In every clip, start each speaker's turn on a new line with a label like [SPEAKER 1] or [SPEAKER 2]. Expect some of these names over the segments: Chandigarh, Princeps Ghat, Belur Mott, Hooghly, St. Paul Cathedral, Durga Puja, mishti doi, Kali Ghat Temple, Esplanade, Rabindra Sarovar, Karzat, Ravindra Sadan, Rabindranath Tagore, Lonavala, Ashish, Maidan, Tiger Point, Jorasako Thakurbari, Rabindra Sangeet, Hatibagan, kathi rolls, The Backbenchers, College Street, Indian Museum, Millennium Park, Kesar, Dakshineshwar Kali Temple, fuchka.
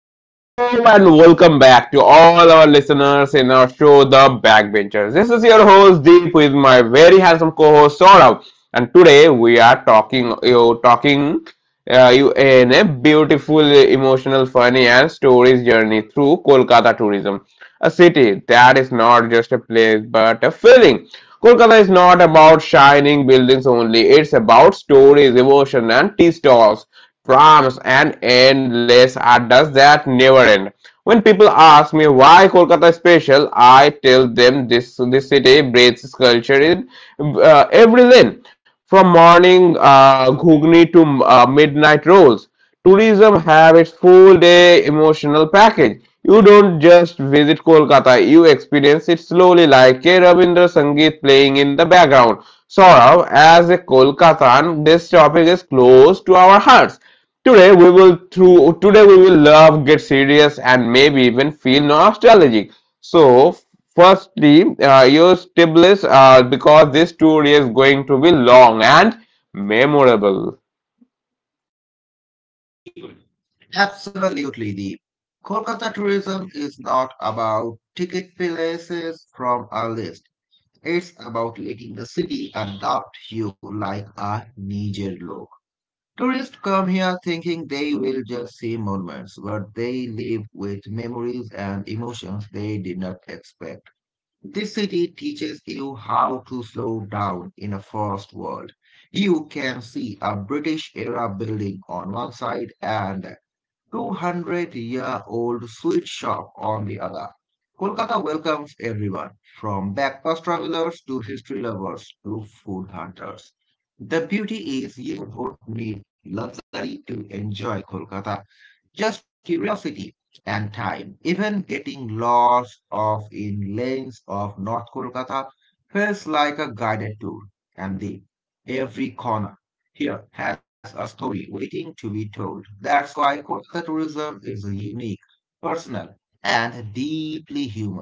[SPEAKER 1] Hello and welcome back to all our listeners in our show, The Backbenchers. This is your host Deep with my very handsome co-host Saurav, and today we are talking you in a beautiful, emotional, funny, and stories journey through Kolkata tourism, a city that is not just a place but a feeling. Kolkata is not about shining buildings only; it's about stories, emotion, and tea stalls. Proms and endless are does that never end. When people ask me why Kolkata is special, I tell them this city breathes culture in every lane. From morning ghugni to midnight rolls, tourism have its full day emotional package. You don't just visit Kolkata, you experience it slowly like K. Rabindra Sangeet playing in the background. Saurav, as a Kolkatan, this topic is close to our hearts. Today we will love, get serious, and maybe even feel nostalgic. So, firstly, use tablets because this tour is going to be long and memorable.
[SPEAKER 2] Absolutely, the Kolkata tourism is not about ticket places from a list. It's about letting the city adopt you like a Niger look. Tourists come here thinking they will just see monuments, but they leave with memories and emotions they did not expect. This city teaches you how to slow down in a fast world. You can see a British era building on one side and 200-year-old sweet shop on the other. Kolkata welcomes everyone, from backpack travelers to history lovers to food hunters. The beauty is you don't need luxury to enjoy Kolkata, just curiosity and time. Even getting lost off in lanes of North Kolkata feels like a guided tour, and the every corner here has a story waiting to be told. That's why Kolkata tourism is unique, personal, and deeply human.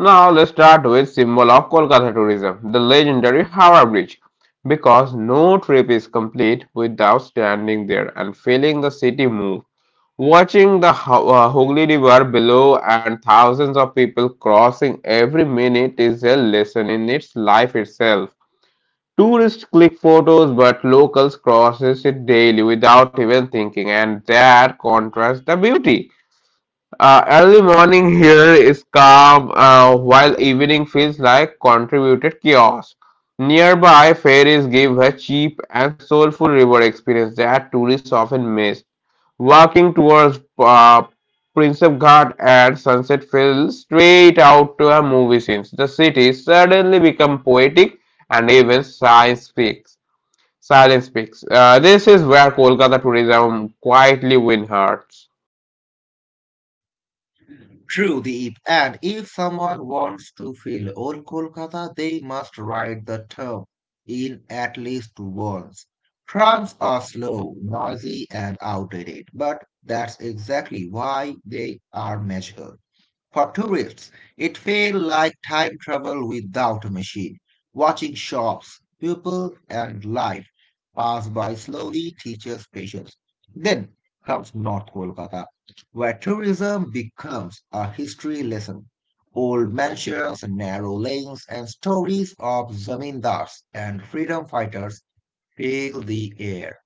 [SPEAKER 1] Now let's start with symbol of Kolkata tourism, the legendary Howrah Bridge. Because no trip is complete without standing there and feeling the city move. Watching the Hooghly River below and thousands of people crossing every minute is a lesson in its life itself. Tourists click photos, but locals crosses it daily without even thinking, and that contrasts the beauty. Early morning here is calm, while evening feels like contributed chaos. Nearby ferries give a cheap and soulful river experience that tourists often miss. Walking towards Princeps Ghat at sunset feels straight out to a movie scene. The city suddenly becomes poetic and even science speaks. Silence speaks. This is where Kolkata tourism quietly wins hearts.
[SPEAKER 2] True, Deep. And if someone wants to feel old Kolkata, they must ride the tub in at least once. Trams are slow, noisy, and outdated, but that's exactly why they are magical. For tourists, it felt like time travel without a machine, watching shops, people, and life pass by slowly teaches patience. Then comes North Kolkata, where tourism becomes a history lesson. Old mansions, narrow lanes, and stories of zamindars and freedom fighters fill the air.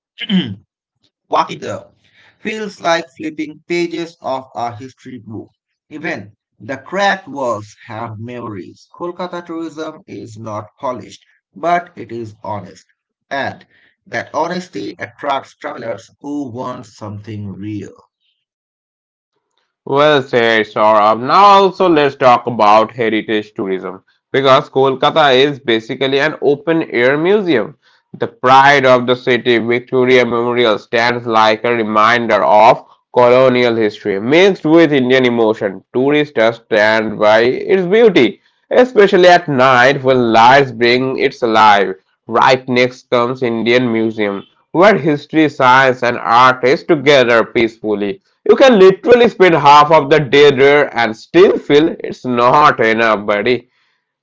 [SPEAKER 2] Wakita feels like flipping pages of a history book. Even the cracked walls have memories. Kolkata tourism is not polished, but it is honest. And that honesty attracts travelers who want something real.
[SPEAKER 1] Well said, Saurabh. Now also let's talk about heritage tourism because Kolkata is basically an open air museum. The pride of the city, Victoria Memorial, stands like a reminder of colonial history mixed with Indian emotion. Tourists are stand by its beauty, especially at night when lights bring it alive. Right next comes Indian Museum, where history, science, and art is together peacefully. You can literally spend half of the day there and still feel it's not enough, buddy.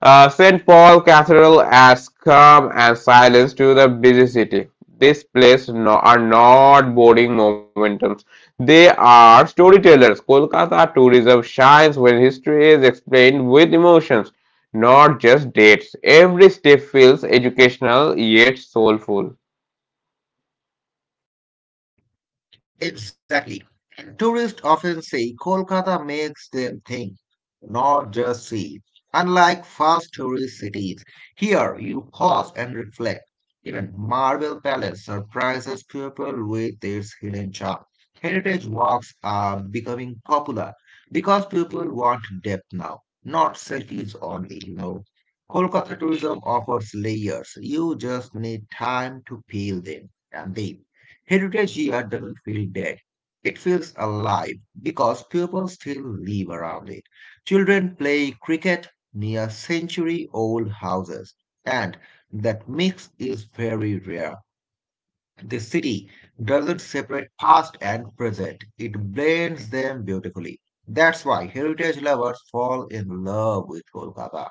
[SPEAKER 1] St. Paul Cathedral adds calm and silence to the busy city. These places no, are not boring momentums. They are storytellers. Kolkata tourism shines when history is explained with emotions, not just dates. Every step feels educational yet soulful.
[SPEAKER 2] Exactly. Tourists often say Kolkata makes them think, not just see. Unlike fast tourist cities, here you pause and reflect. Even Marble Palace surprises people with its hidden charm. Heritage walks are becoming popular because people want depth now, not selfies only. Kolkata tourism offers layers. You just need time to peel them and they. Heritage year doesn't feel dead. It feels alive because people still live around it. Children play cricket near century old houses, and that mix is very rare. The city doesn't separate past and present, it blends them beautifully. That's why heritage lovers fall in love with Kolkata.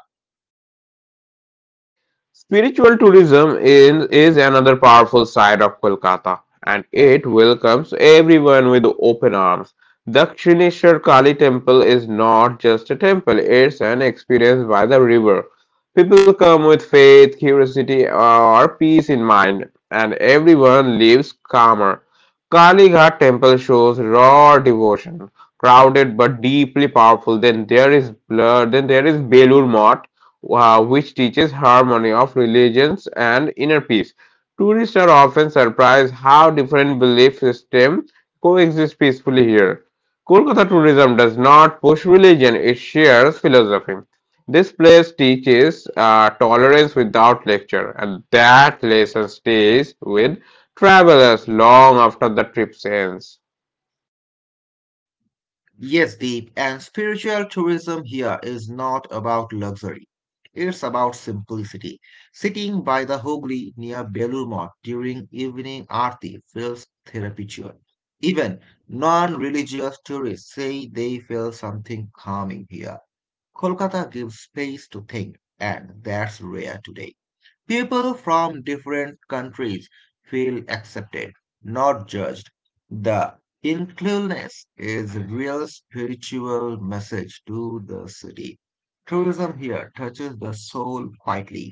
[SPEAKER 1] Spiritual tourism in, is another powerful side of Kolkata, and it welcomes everyone with open arms. Dakshineshwar Kali Temple is not just a temple, it's an experience by the river. People come with faith, curiosity, or peace in mind, and everyone leaves calmer. Kali Ghat Temple shows raw devotion, crowded but deeply powerful. Then there is Belur Mott, which teaches harmony of religions and inner peace. Tourists are often surprised how different belief systems coexist peacefully here. Kolkata tourism does not push religion, it shares philosophy. This place teaches tolerance without lecture, and that lesson stays with travelers long after the trip ends.
[SPEAKER 2] Yes, Deep, and spiritual tourism here is not about luxury. It's about simplicity. Sitting by the Hooghly near Belur Mott during evening aarti feels therapeutic. Even non-religious tourists say they feel something calming here. Kolkata gives space to think, and that's rare today. People from different countries feel accepted, not judged. The inclusiveness is a real spiritual message to the city. Tourism here touches the soul quietly.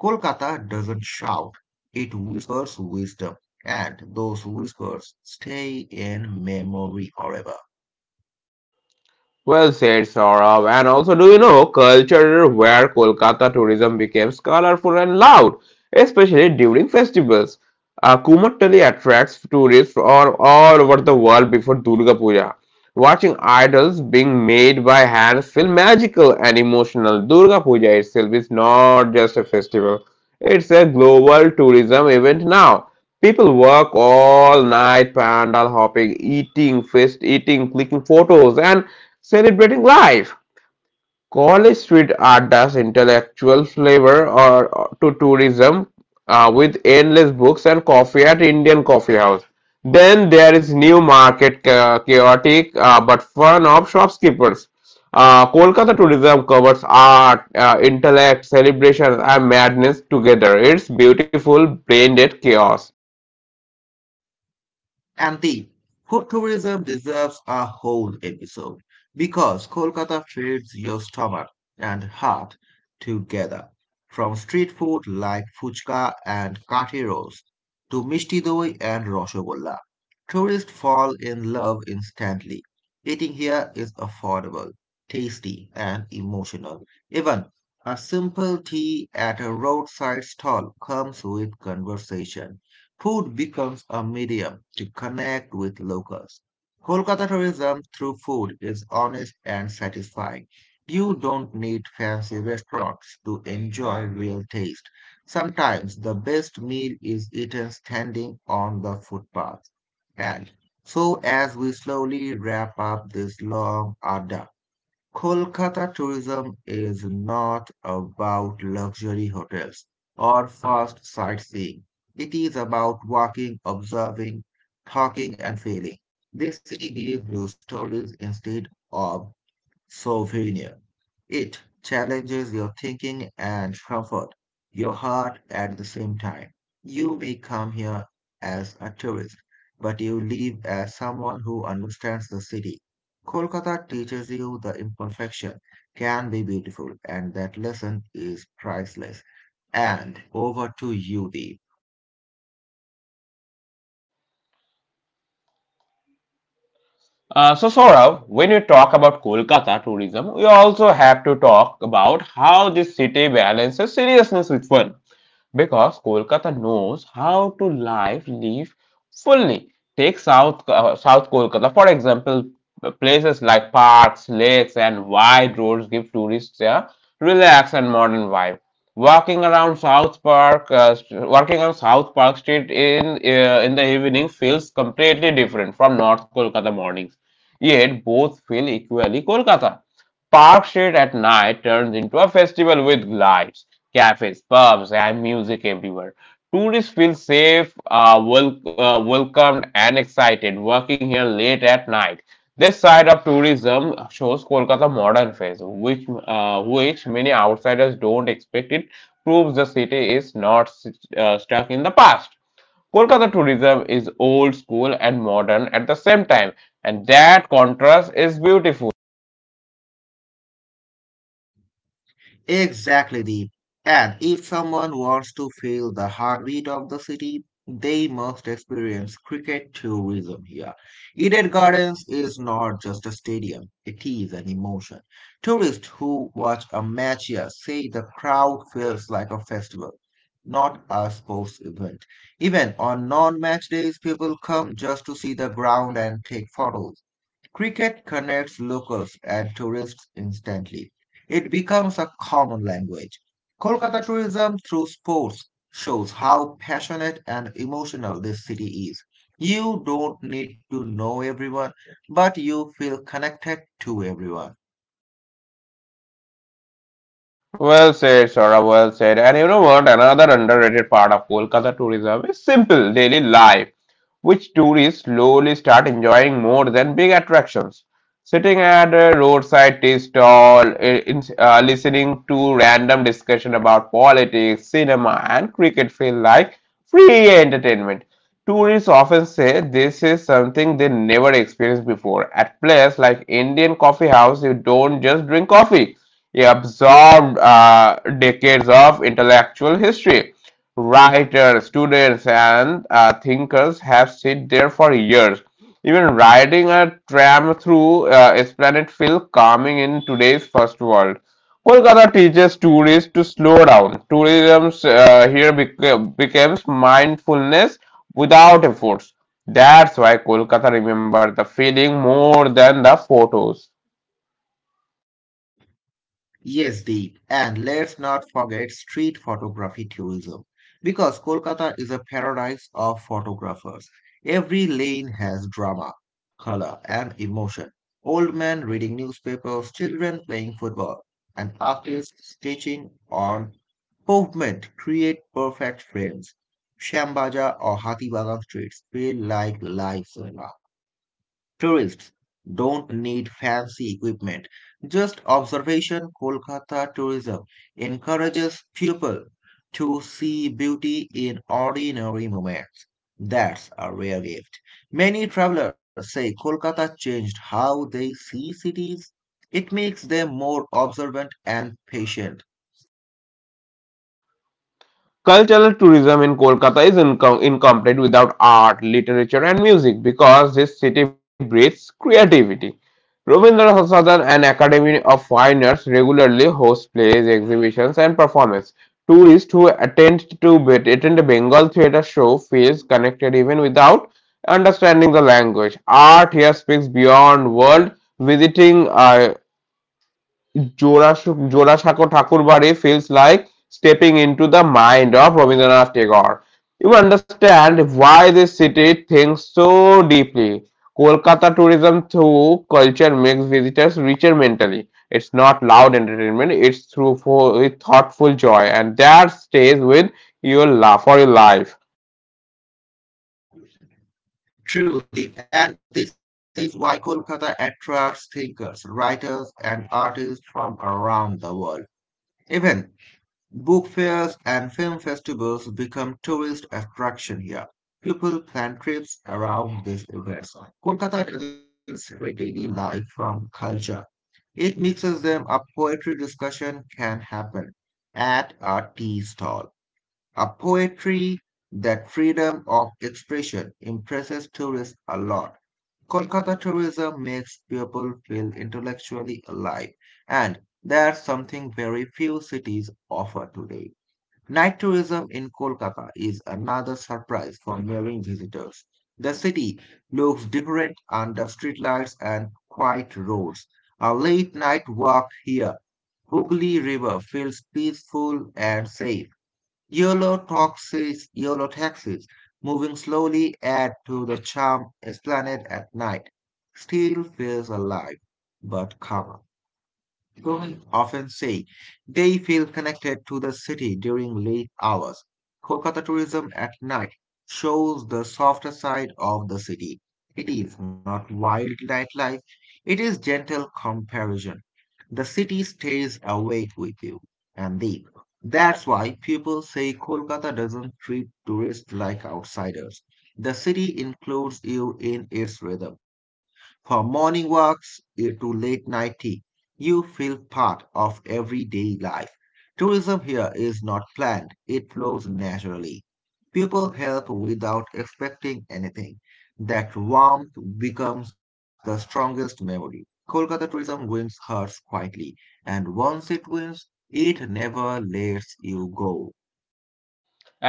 [SPEAKER 2] Kolkata doesn't shout, it whispers wisdom, and those whispers stay in memory forever.
[SPEAKER 1] Well said, Saurabh. And also, do you know culture where Kolkata tourism became colorful and loud, especially during festivals? Kumatali attracts tourists from all over the world before Durga Puja. Watching idols being made by hands feel magical and emotional. Durga Puja itself is not just a festival, it's a global tourism event now. People work all night, pandal hopping, eating, fest eating, clicking photos, and celebrating life. College Street adds intellectual flavor or to tourism with endless books and coffee at Indian Coffee House. Then there is New Market, chaotic but fun of shopkeepers. Kolkata tourism covers art, intellect, celebrations, and madness together. It's beautiful, blended chaos.
[SPEAKER 2] Antique, food tourism deserves a whole episode because Kolkata feeds your stomach and heart together. From street food like fuchka and kathi rolls to mishti doi and roshogolla, tourists fall in love instantly. Eating here is affordable, tasty, and emotional. Even a simple tea at a roadside stall comes with conversation. Food becomes a medium to connect with locals. Kolkata tourism through food is honest and satisfying. You don't need fancy restaurants to enjoy real taste. Sometimes the best meal is eaten standing on the footpath. And so, as we slowly wrap up this long adda, Kolkata tourism is not about luxury hotels or fast sightseeing. It is about walking, observing, talking, and feeling. This city gives you stories instead of souvenir. It challenges your thinking and comfort your heart at the same time. You may come here as a tourist, but you leave as someone who understands the city. Kolkata teaches you the imperfection can be beautiful, and that lesson is priceless. And over to you, Deep.
[SPEAKER 1] So, Saurav, when you talk about Kolkata tourism, we also have to talk about how this city balances seriousness with fun because Kolkata knows how to live fully. Take South Kolkata for example, places like parks, lakes, and wide roads give tourists a relaxed and modern vibe. Walking on South Park Street in the evening feels completely different from North Kolkata mornings. Yet both feel equally Kolkata. Park Street at night turns into a festival with lights cafes, pubs, and music everywhere. Tourists feel safe, welcomed, and excited working here late at night. This side of tourism shows Kolkata modern face, which many outsiders don't expect. It proves the city is not stuck in the past. Kolkata tourism is old school and modern at the same time, and that contrast is beautiful.
[SPEAKER 2] Exactly, Deep. And if someone wants to feel the heartbeat of the city, they must experience cricket tourism here. Eden Gardens is not just a stadium, it is an emotion. Tourists who watch a match here say the crowd feels like a festival, not a sports event. Even on non match days, people come just to see the ground and take photos. Cricket connects locals and tourists instantly. It becomes a common language. Kolkata tourism through sports shows how passionate and emotional this city is. You don't need to know everyone, but you feel connected to everyone.
[SPEAKER 1] Well said, Saurabh, well said. And you know what? Another underrated part of Kolkata tourism is simple daily life, which tourists slowly start enjoying more than big attractions. Sitting at a roadside tea stall, listening to random discussion about politics, cinema, and cricket feel like free entertainment. Tourists often say this is something they never experienced before. At places like Indian coffee house, you don't just drink coffee he absorbed decades of intellectual history. Writers, students, and thinkers have sit there for years. Even riding a tram through Esplanade feels calming in today's first world. Kolkata teaches tourists to slow down. Tourism here becomes mindfulness without efforts. That's why Kolkata remembers the feeling more than the photos.
[SPEAKER 2] Yes, Deep. And let's not forget street photography tourism, because Kolkata is a paradise of photographers. Every lane has drama, color, and emotion. Old men reading newspapers, children playing football, and artists stitching on pavement create perfect frames. Shambaja or Hatibagan streets feel like live cinema. Tourists don't need fancy equipment, just observation. Kolkata tourism encourages people to see beauty in ordinary moments. That's a rare gift. Many travelers say Kolkata changed how they see cities. It makes them more observant and patient.
[SPEAKER 1] Cultural tourism in Kolkata is incomplete without art, literature, and music because this city breathes creativity. Ravindra Sadan and Academy of Fine Arts regularly host plays, exhibitions, and performances. Tourists who attend a Bengal theatre show feels connected even without understanding the language. Art here speaks beyond world. Visiting Jorasako Thakurbari feels like stepping into the mind of Rabindranath Tagore. You understand why this city thinks so deeply. Kolkata tourism through culture makes visitors richer mentally. It's not loud entertainment, it's thoughtful joy, and that stays with your for your life.
[SPEAKER 2] Truly, and this is why Kolkata attracts thinkers, writers, and artists from around the world. Even book fairs and film festivals become tourist attraction here. People plan trips around these events. Kolkata doesn't separate daily life from culture. It mixes them. A poetry discussion can happen at a tea stall. A poetry that freedom of expression impresses tourists a lot. Kolkata tourism makes people feel intellectually alive, and that's something very few cities offer today. Night tourism in Kolkata is another surprise for marine visitors. The city looks different under streetlights and quiet roads. A late night walk here, Hooghly River feels peaceful and safe. Yellow taxis moving slowly add to the charm. Esplanade at night still feels alive but calmer. People often say they feel connected to the city during late hours. Kolkata tourism at night shows the softer side of the city. It is not wild nightlife, it is gentle comparison. The city stays awake with you, Andeep. That's why people say Kolkata doesn't treat tourists like outsiders. The city includes you in its rhythm. From morning walks to late night tea, you feel part of everyday life. Tourism here is not planned, it flows naturally. People help without expecting anything. That warmth becomes the strongest memory. Kolkata tourism wins hearts quietly, and once it wins, it never lets you go.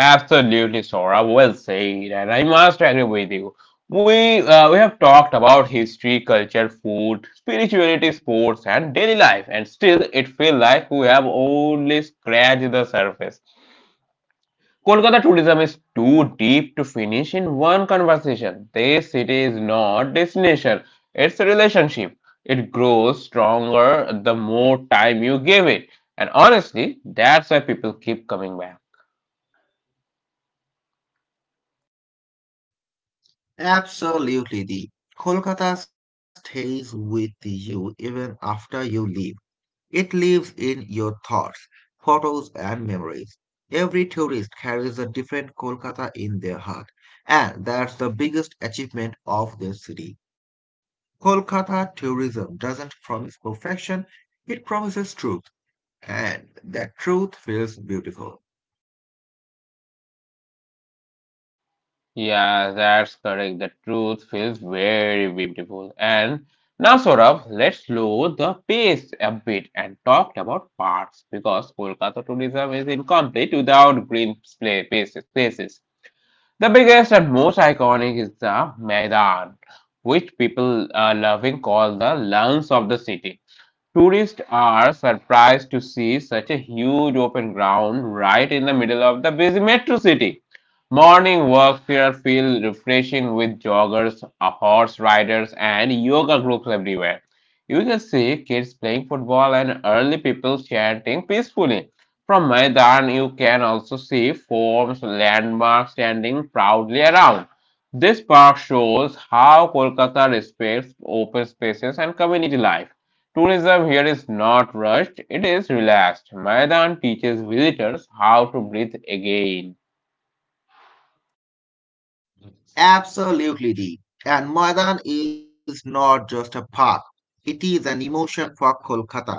[SPEAKER 1] Absolutely, Sora. Well said, and I must agree with you. We have talked about history, culture, food, spirituality, sports, and daily life, and still it feels like we have only scratched the surface. Kolkata tourism is too deep to finish in one conversation. This city is not destination; it's a relationship. It grows stronger the more time you give it, and honestly, that's why people keep coming back.
[SPEAKER 2] Absolutely, the Kolkata stays with you even after you leave. It lives in your thoughts, photos, and memories. Every tourist carries a different Kolkata in their heart, and that's the biggest achievement of the city. Kolkata tourism doesn't promise perfection, it promises truth, and the truth feels beautiful.
[SPEAKER 1] Yeah, that's correct. The truth feels very beautiful. And now, Saurabh, let's slow the pace a bit and talk about parks because Kolkata tourism is incomplete without green spaces. The biggest and most iconic is the Maidan, which people are loving call the lungs of the city. Tourists are surprised to see such a huge open ground right in the middle of the busy metro city. Morning walks here feel refreshing with joggers, horse riders, and yoga groups everywhere. You can see kids playing football and early people chanting peacefully. From Maidan, you can also see forms, landmarks standing proudly around. This park shows how Kolkata respects open spaces and community life. Tourism here is not rushed, it is relaxed. Maidan teaches visitors how to breathe again.
[SPEAKER 2] Absolutely, Deep. And Maidan is not just a park, it is an emotion for Kolkatans.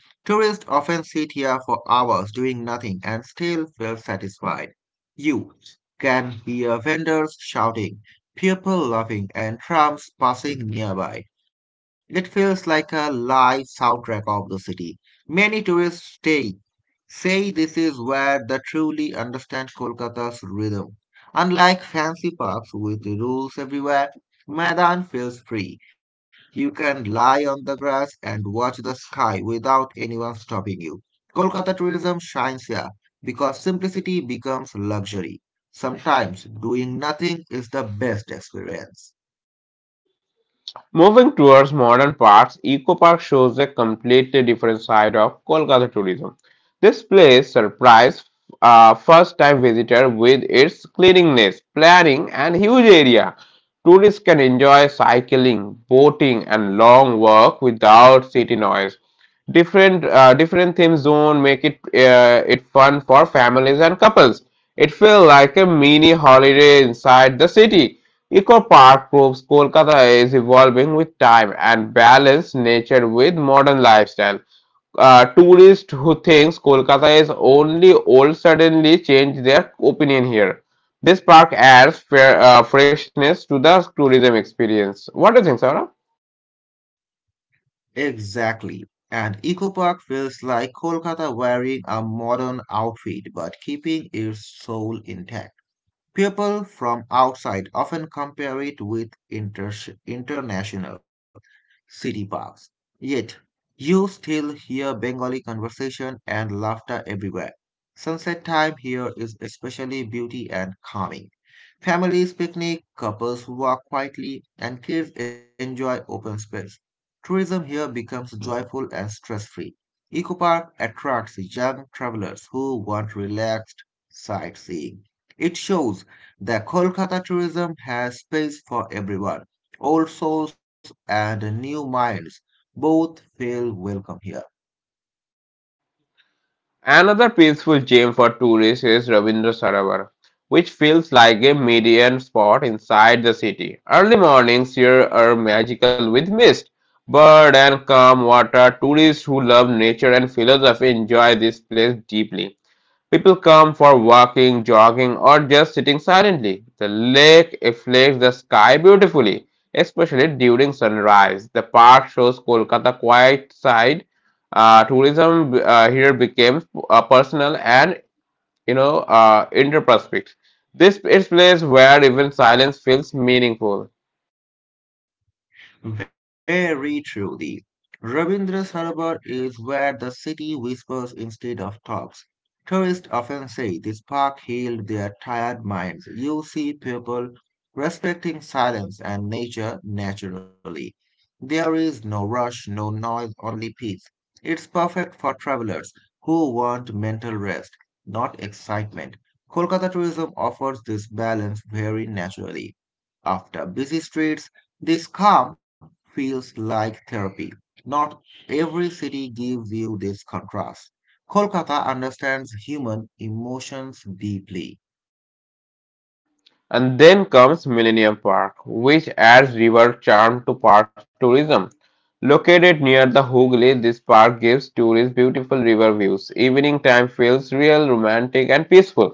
[SPEAKER 2] Tourists often sit here for hours doing nothing and still feel satisfied. You can hear vendors shouting, people laughing, and trams passing nearby. It feels like a live soundtrack of the city. Many tourists stay say this is where they truly understand Kolkata's rhythm. Unlike fancy parks with rules everywhere, Maidan feels free. You can lie on the grass and watch the sky without anyone stopping you. Kolkata tourism shines here because simplicity becomes luxury. Sometimes doing nothing is the best experience.
[SPEAKER 1] Moving towards modern parts, Eco Park shows a completely different side of Kolkata tourism. This place surprised first time visitor with its cleanliness, planning, and huge area. Tourists can enjoy cycling, boating, and long walk without city noise. Different theme zone make it fun for families and couples. It feels like a mini holiday inside the city. Eco Park proves Kolkata is evolving with time and balance nature with modern lifestyle tourist who thinks Kolkata is only old suddenly change their opinion here. This park adds freshness to the tourism experience. What do you think, Saurabh?
[SPEAKER 2] Exactly. And Eco Park feels like Kolkata wearing a modern outfit but keeping its soul intact. People from outside often compare it with international city parks. Yet, you still hear Bengali conversation and laughter everywhere. Sunset time here is especially beauty and calming. Families picnic, couples walk quietly, and kids enjoy open space. Tourism here becomes joyful and stress-free. Eco Park attracts young travelers who want relaxed sightseeing. It shows the Kolkata tourism has space for everyone, old souls and new minds. Both feel welcome here.
[SPEAKER 1] Another peaceful gem for tourists is Ravindra Sarovar, which feels like a median spot inside the city. Early mornings here are magical with mist, bird and calm water. Tourists who love nature and philosophy enjoy this place deeply. People come for walking, jogging, or just sitting silently. The lake reflects the sky beautifully, especially during sunrise. The park shows Kolkata quiet side. Tourism here becomes a personal and interprospect. This is place where even silence feels meaningful.
[SPEAKER 2] Very truly. Rabindra Sarovar is where the city whispers instead of talks. Tourists often say this park healed their tired minds. You see people respecting silence and nature naturally. There is no rush, no noise, only peace. It's perfect for travelers who want mental rest, not excitement. Kolkata tourism offers this balance very naturally. After busy streets, this calm feels like therapy. Not every city gives you this contrast. Kolkata understands human emotions deeply.
[SPEAKER 1] And then comes Millennium Park, which adds river charm to park tourism. Located near the Hooghly, this park gives tourists beautiful river views. Evening time feels real, romantic, and peaceful.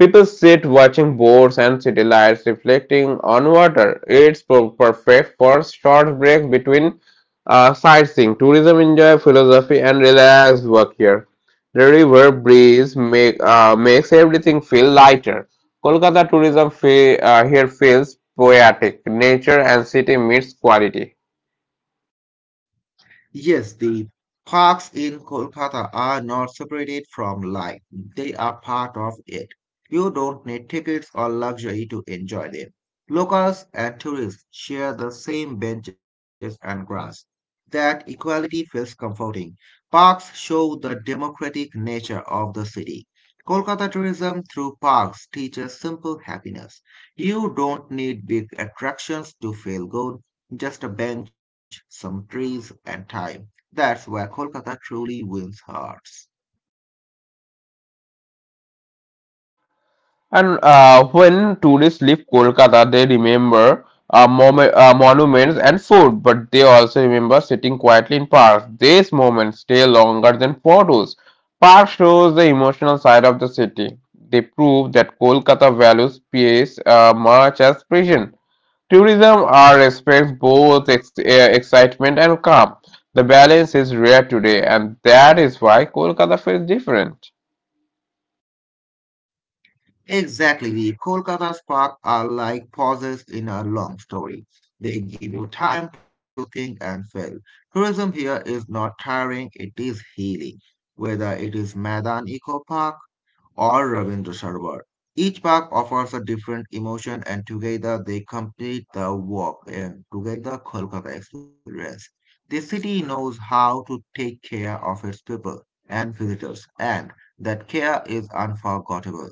[SPEAKER 1] People sit watching boats and city lights reflecting on water. It's perfect for short break between sightseeing, tourism, enjoy philosophy, and relaxed work here. The river breeze makes everything feel lighter. Kolkata tourism here feels poetic. Nature and city meets quality.
[SPEAKER 2] Yes, the parks in Kolkata are not separated from life. They are part of it. You don't need tickets or luxury to enjoy them. Locals and tourists share the same benches and grass. That equality feels comforting. Parks show the democratic nature of the city. Kolkata tourism through parks teaches simple happiness. You don't need big attractions to feel good, just a bench, some trees, and time. That's where Kolkata truly wins hearts.
[SPEAKER 1] And when tourists leave Kolkata, they remember monuments and food, but they also remember sitting quietly in parks. These moments stay longer than photos. Park shows the emotional side of the city. They prove that Kolkata values peace much as precision. Tourism are expects both excitement and calm. The balance is rare today, and that is why Kolkata feels different.
[SPEAKER 2] Exactly, the Kolkata spark are like pauses in a long story. They give you time to think and feel. Tourism here is not tiring, it is healing. Whether it is Madan Eco Park, or Ravindra Sarwar. Each park offers a different emotion, and together they complete the walk and together Kolkata experience. The city knows how to take care of its people and visitors, and that care is unforgettable.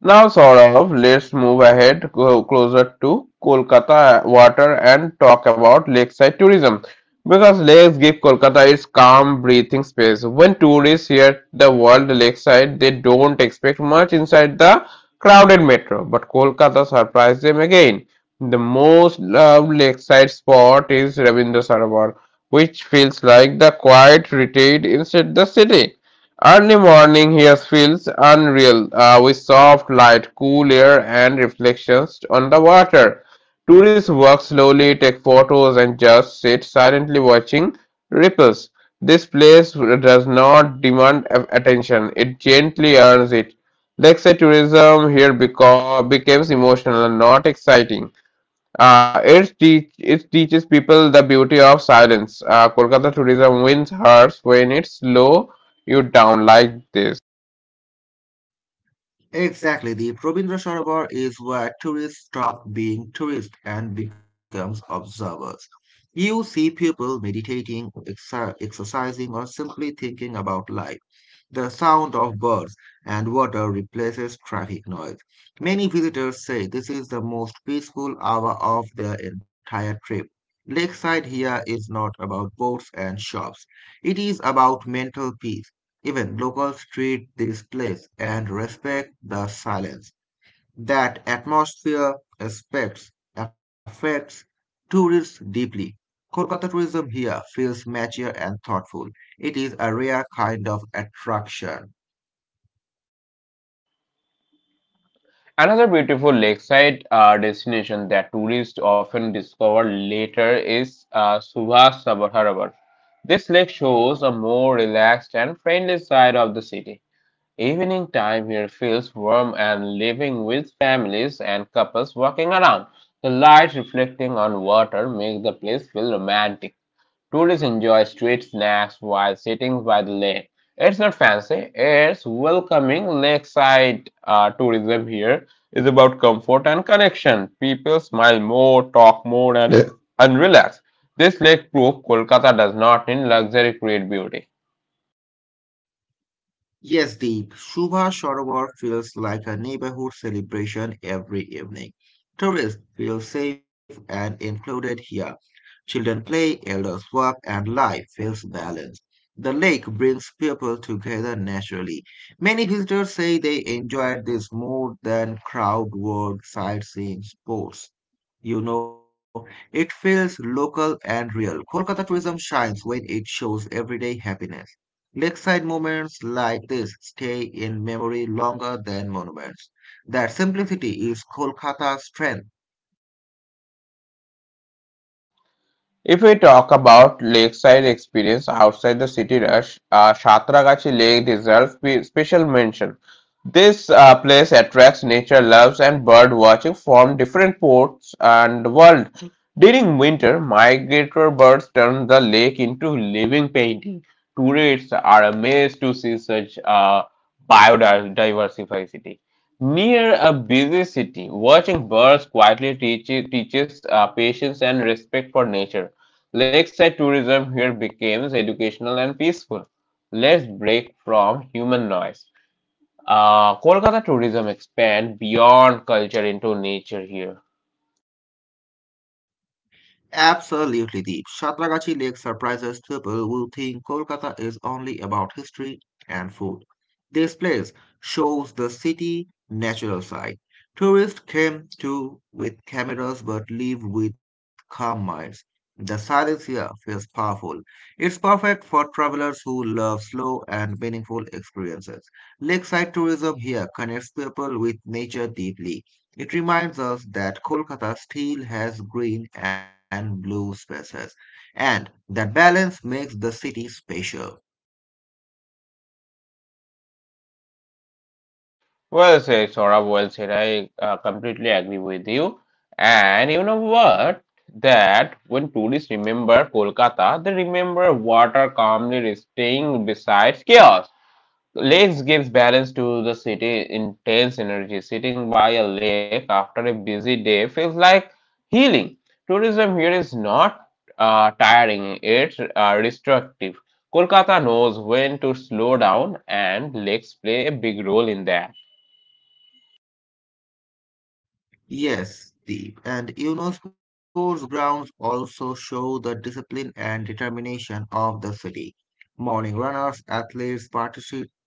[SPEAKER 1] Now, Saurav, let's move ahead go closer to Kolkata water and talk about lakeside tourism because lakes give Kolkata its calm breathing space. When tourists hear the word lakeside, they don't expect much inside the crowded metro, but Kolkata surprised them again. The most loved lakeside spot is Rabindra Sarovar, which feels like the quiet retreat inside the city. Early morning here feels unreal, with soft light, cool air, and reflections on the water. Tourists walk slowly, take photos, and just sit silently watching ripples. This place does not demand attention, it gently earns it. Lakeside tourism here becomes emotional and not exciting. It teaches people the beauty of silence. Kolkata tourism wins hearts when it slow you down like this.
[SPEAKER 2] Exactly, the Ravindra Sarwar is where tourists stop being tourists and becomes observers. You see people meditating, exercising, or simply thinking about life. The sound of birds and water replaces traffic noise. Many visitors say this is the most peaceful hour of their entire trip. Lakeside here is not about boats and shops. It is about mental peace. Even locals treat this place and respect the silence that atmosphere aspects affects tourists deeply. Kolkata tourism here feels mature and thoughtful. It is a rare kind of attraction.
[SPEAKER 1] Another beautiful lakeside destination that tourists often discover later is Subhas Sabharabar. This lake shows a more relaxed and friendly side of the city. Evening time here feels warm and living with families and couples walking around. The light reflecting on water makes the place feel romantic. Tourists enjoy street snacks while sitting by the lake. It's not fancy, it's welcoming. Lakeside tourism here is about comfort and connection. People smile more, talk more, and relax. This lake proof Kolkata does not need luxury, create beauty.
[SPEAKER 2] Yes, Deep, Shubha Sarovar feels like a neighborhood celebration every evening. Tourists feel safe and included here. Children play, elders work, and life feels balanced. The lake brings people together naturally. Many visitors say they enjoyed this more than crowd work, sightseeing, sports. You know, it feels local and real. Kolkata tourism shines when it shows everyday happiness. Lakeside moments like this stay in memory longer than monuments. That simplicity is Kolkata's strength.
[SPEAKER 1] If we talk about lakeside experience outside the city rush, Shatragachi Lake deserves special mention. This place attracts nature loves and bird watching from different ports and world. During winter, migratory birds turn the lake into living painting. Tourists are amazed to see such biodiversity. Near a busy city, watching birds quietly teaches patience and respect for nature. Lakeside tourism here becomes educational and peaceful. Let's break from human noise. Kolkata tourism expand beyond culture into nature here.
[SPEAKER 2] Absolutely, Deep. Shatragachi Lake surprises people who think Kolkata is only about history and food. This place shows the city natural side. Tourists came to with cameras but leave with calm minds. The silence here feels powerful. It's perfect for travelers who love slow and meaningful experiences. Lakeside tourism here connects people with nature deeply. It reminds us that Kolkata still has green and blue spaces, and that balance makes the city special.
[SPEAKER 1] Well said, Saurabh. Well said. I completely agree with you. And you know what? That when tourists remember Kolkata, they remember water calmly resting beside chaos. Lakes gives balance to the city, intense energy. Sitting by a lake after a busy day feels like healing. Tourism here is not tiring, it's restrictive. Kolkata knows when to slow down, and lakes play a big role in that.
[SPEAKER 2] Yes, Deep, and UNESCO's grounds also show the discipline and determination of the city. Morning runners, athletes,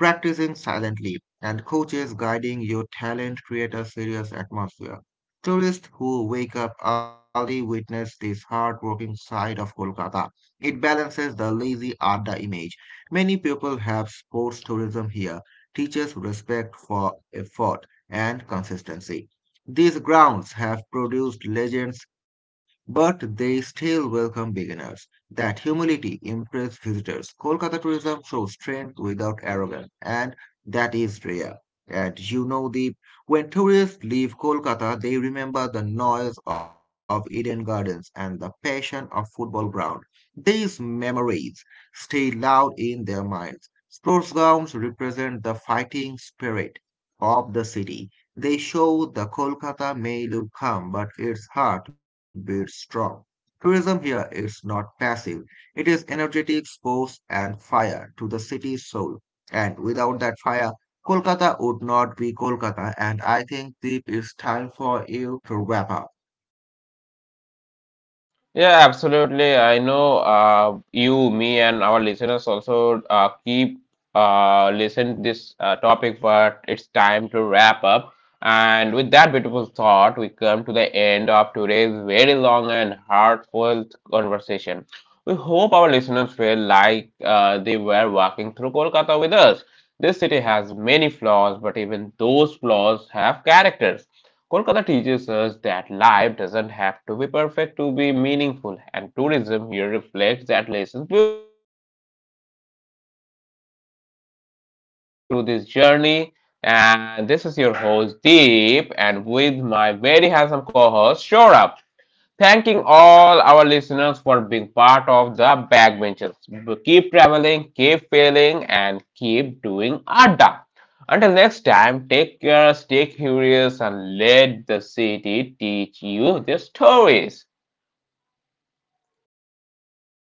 [SPEAKER 2] practicing silently and coaches guiding your talent create a serious atmosphere. Tourists who wake up early witness this hard-working side of Kolkata. It balances the lazy Adda image. Many people have sports tourism here, teaches respect for effort and consistency. These grounds have produced legends, but they still welcome beginners. That humility impressed visitors. Kolkata tourism shows strength without arrogance, and that is rare. And you know, the when tourists leave Kolkata, they remember the noise of Eden Gardens and the passion of football ground. These memories stay loud in their minds. Sports grounds represent the fighting spirit of the city. They show the Kolkata may look calm, but its heart beats strong. Tourism here is not passive. It is energetic, sports, and fire to the city's soul. And without that fire, Kolkata would not be Kolkata. And I think, Deep, it's time for you to wrap up.
[SPEAKER 1] Yeah, absolutely. I know you, me, and our listeners also keep listen this topic, but it's time to wrap up. And with that beautiful thought, we come to the end of today's very long and heartfelt conversation. We hope our listeners feel like they were walking through Kolkata with us. This city has many flaws, but even those flaws have characters. Kolkata teaches us that life doesn't have to be perfect to be meaningful, and tourism here reflects that lesson beautifully. Thank you all for staying with us through this journey. And this is your host Deep, and with my very handsome co-host Shorab. Thanking all our listeners for being part of the backbenchers. Keep traveling, keep failing, and keep doing Adda. Until next time, take care, stay curious, and let the city teach you the stories.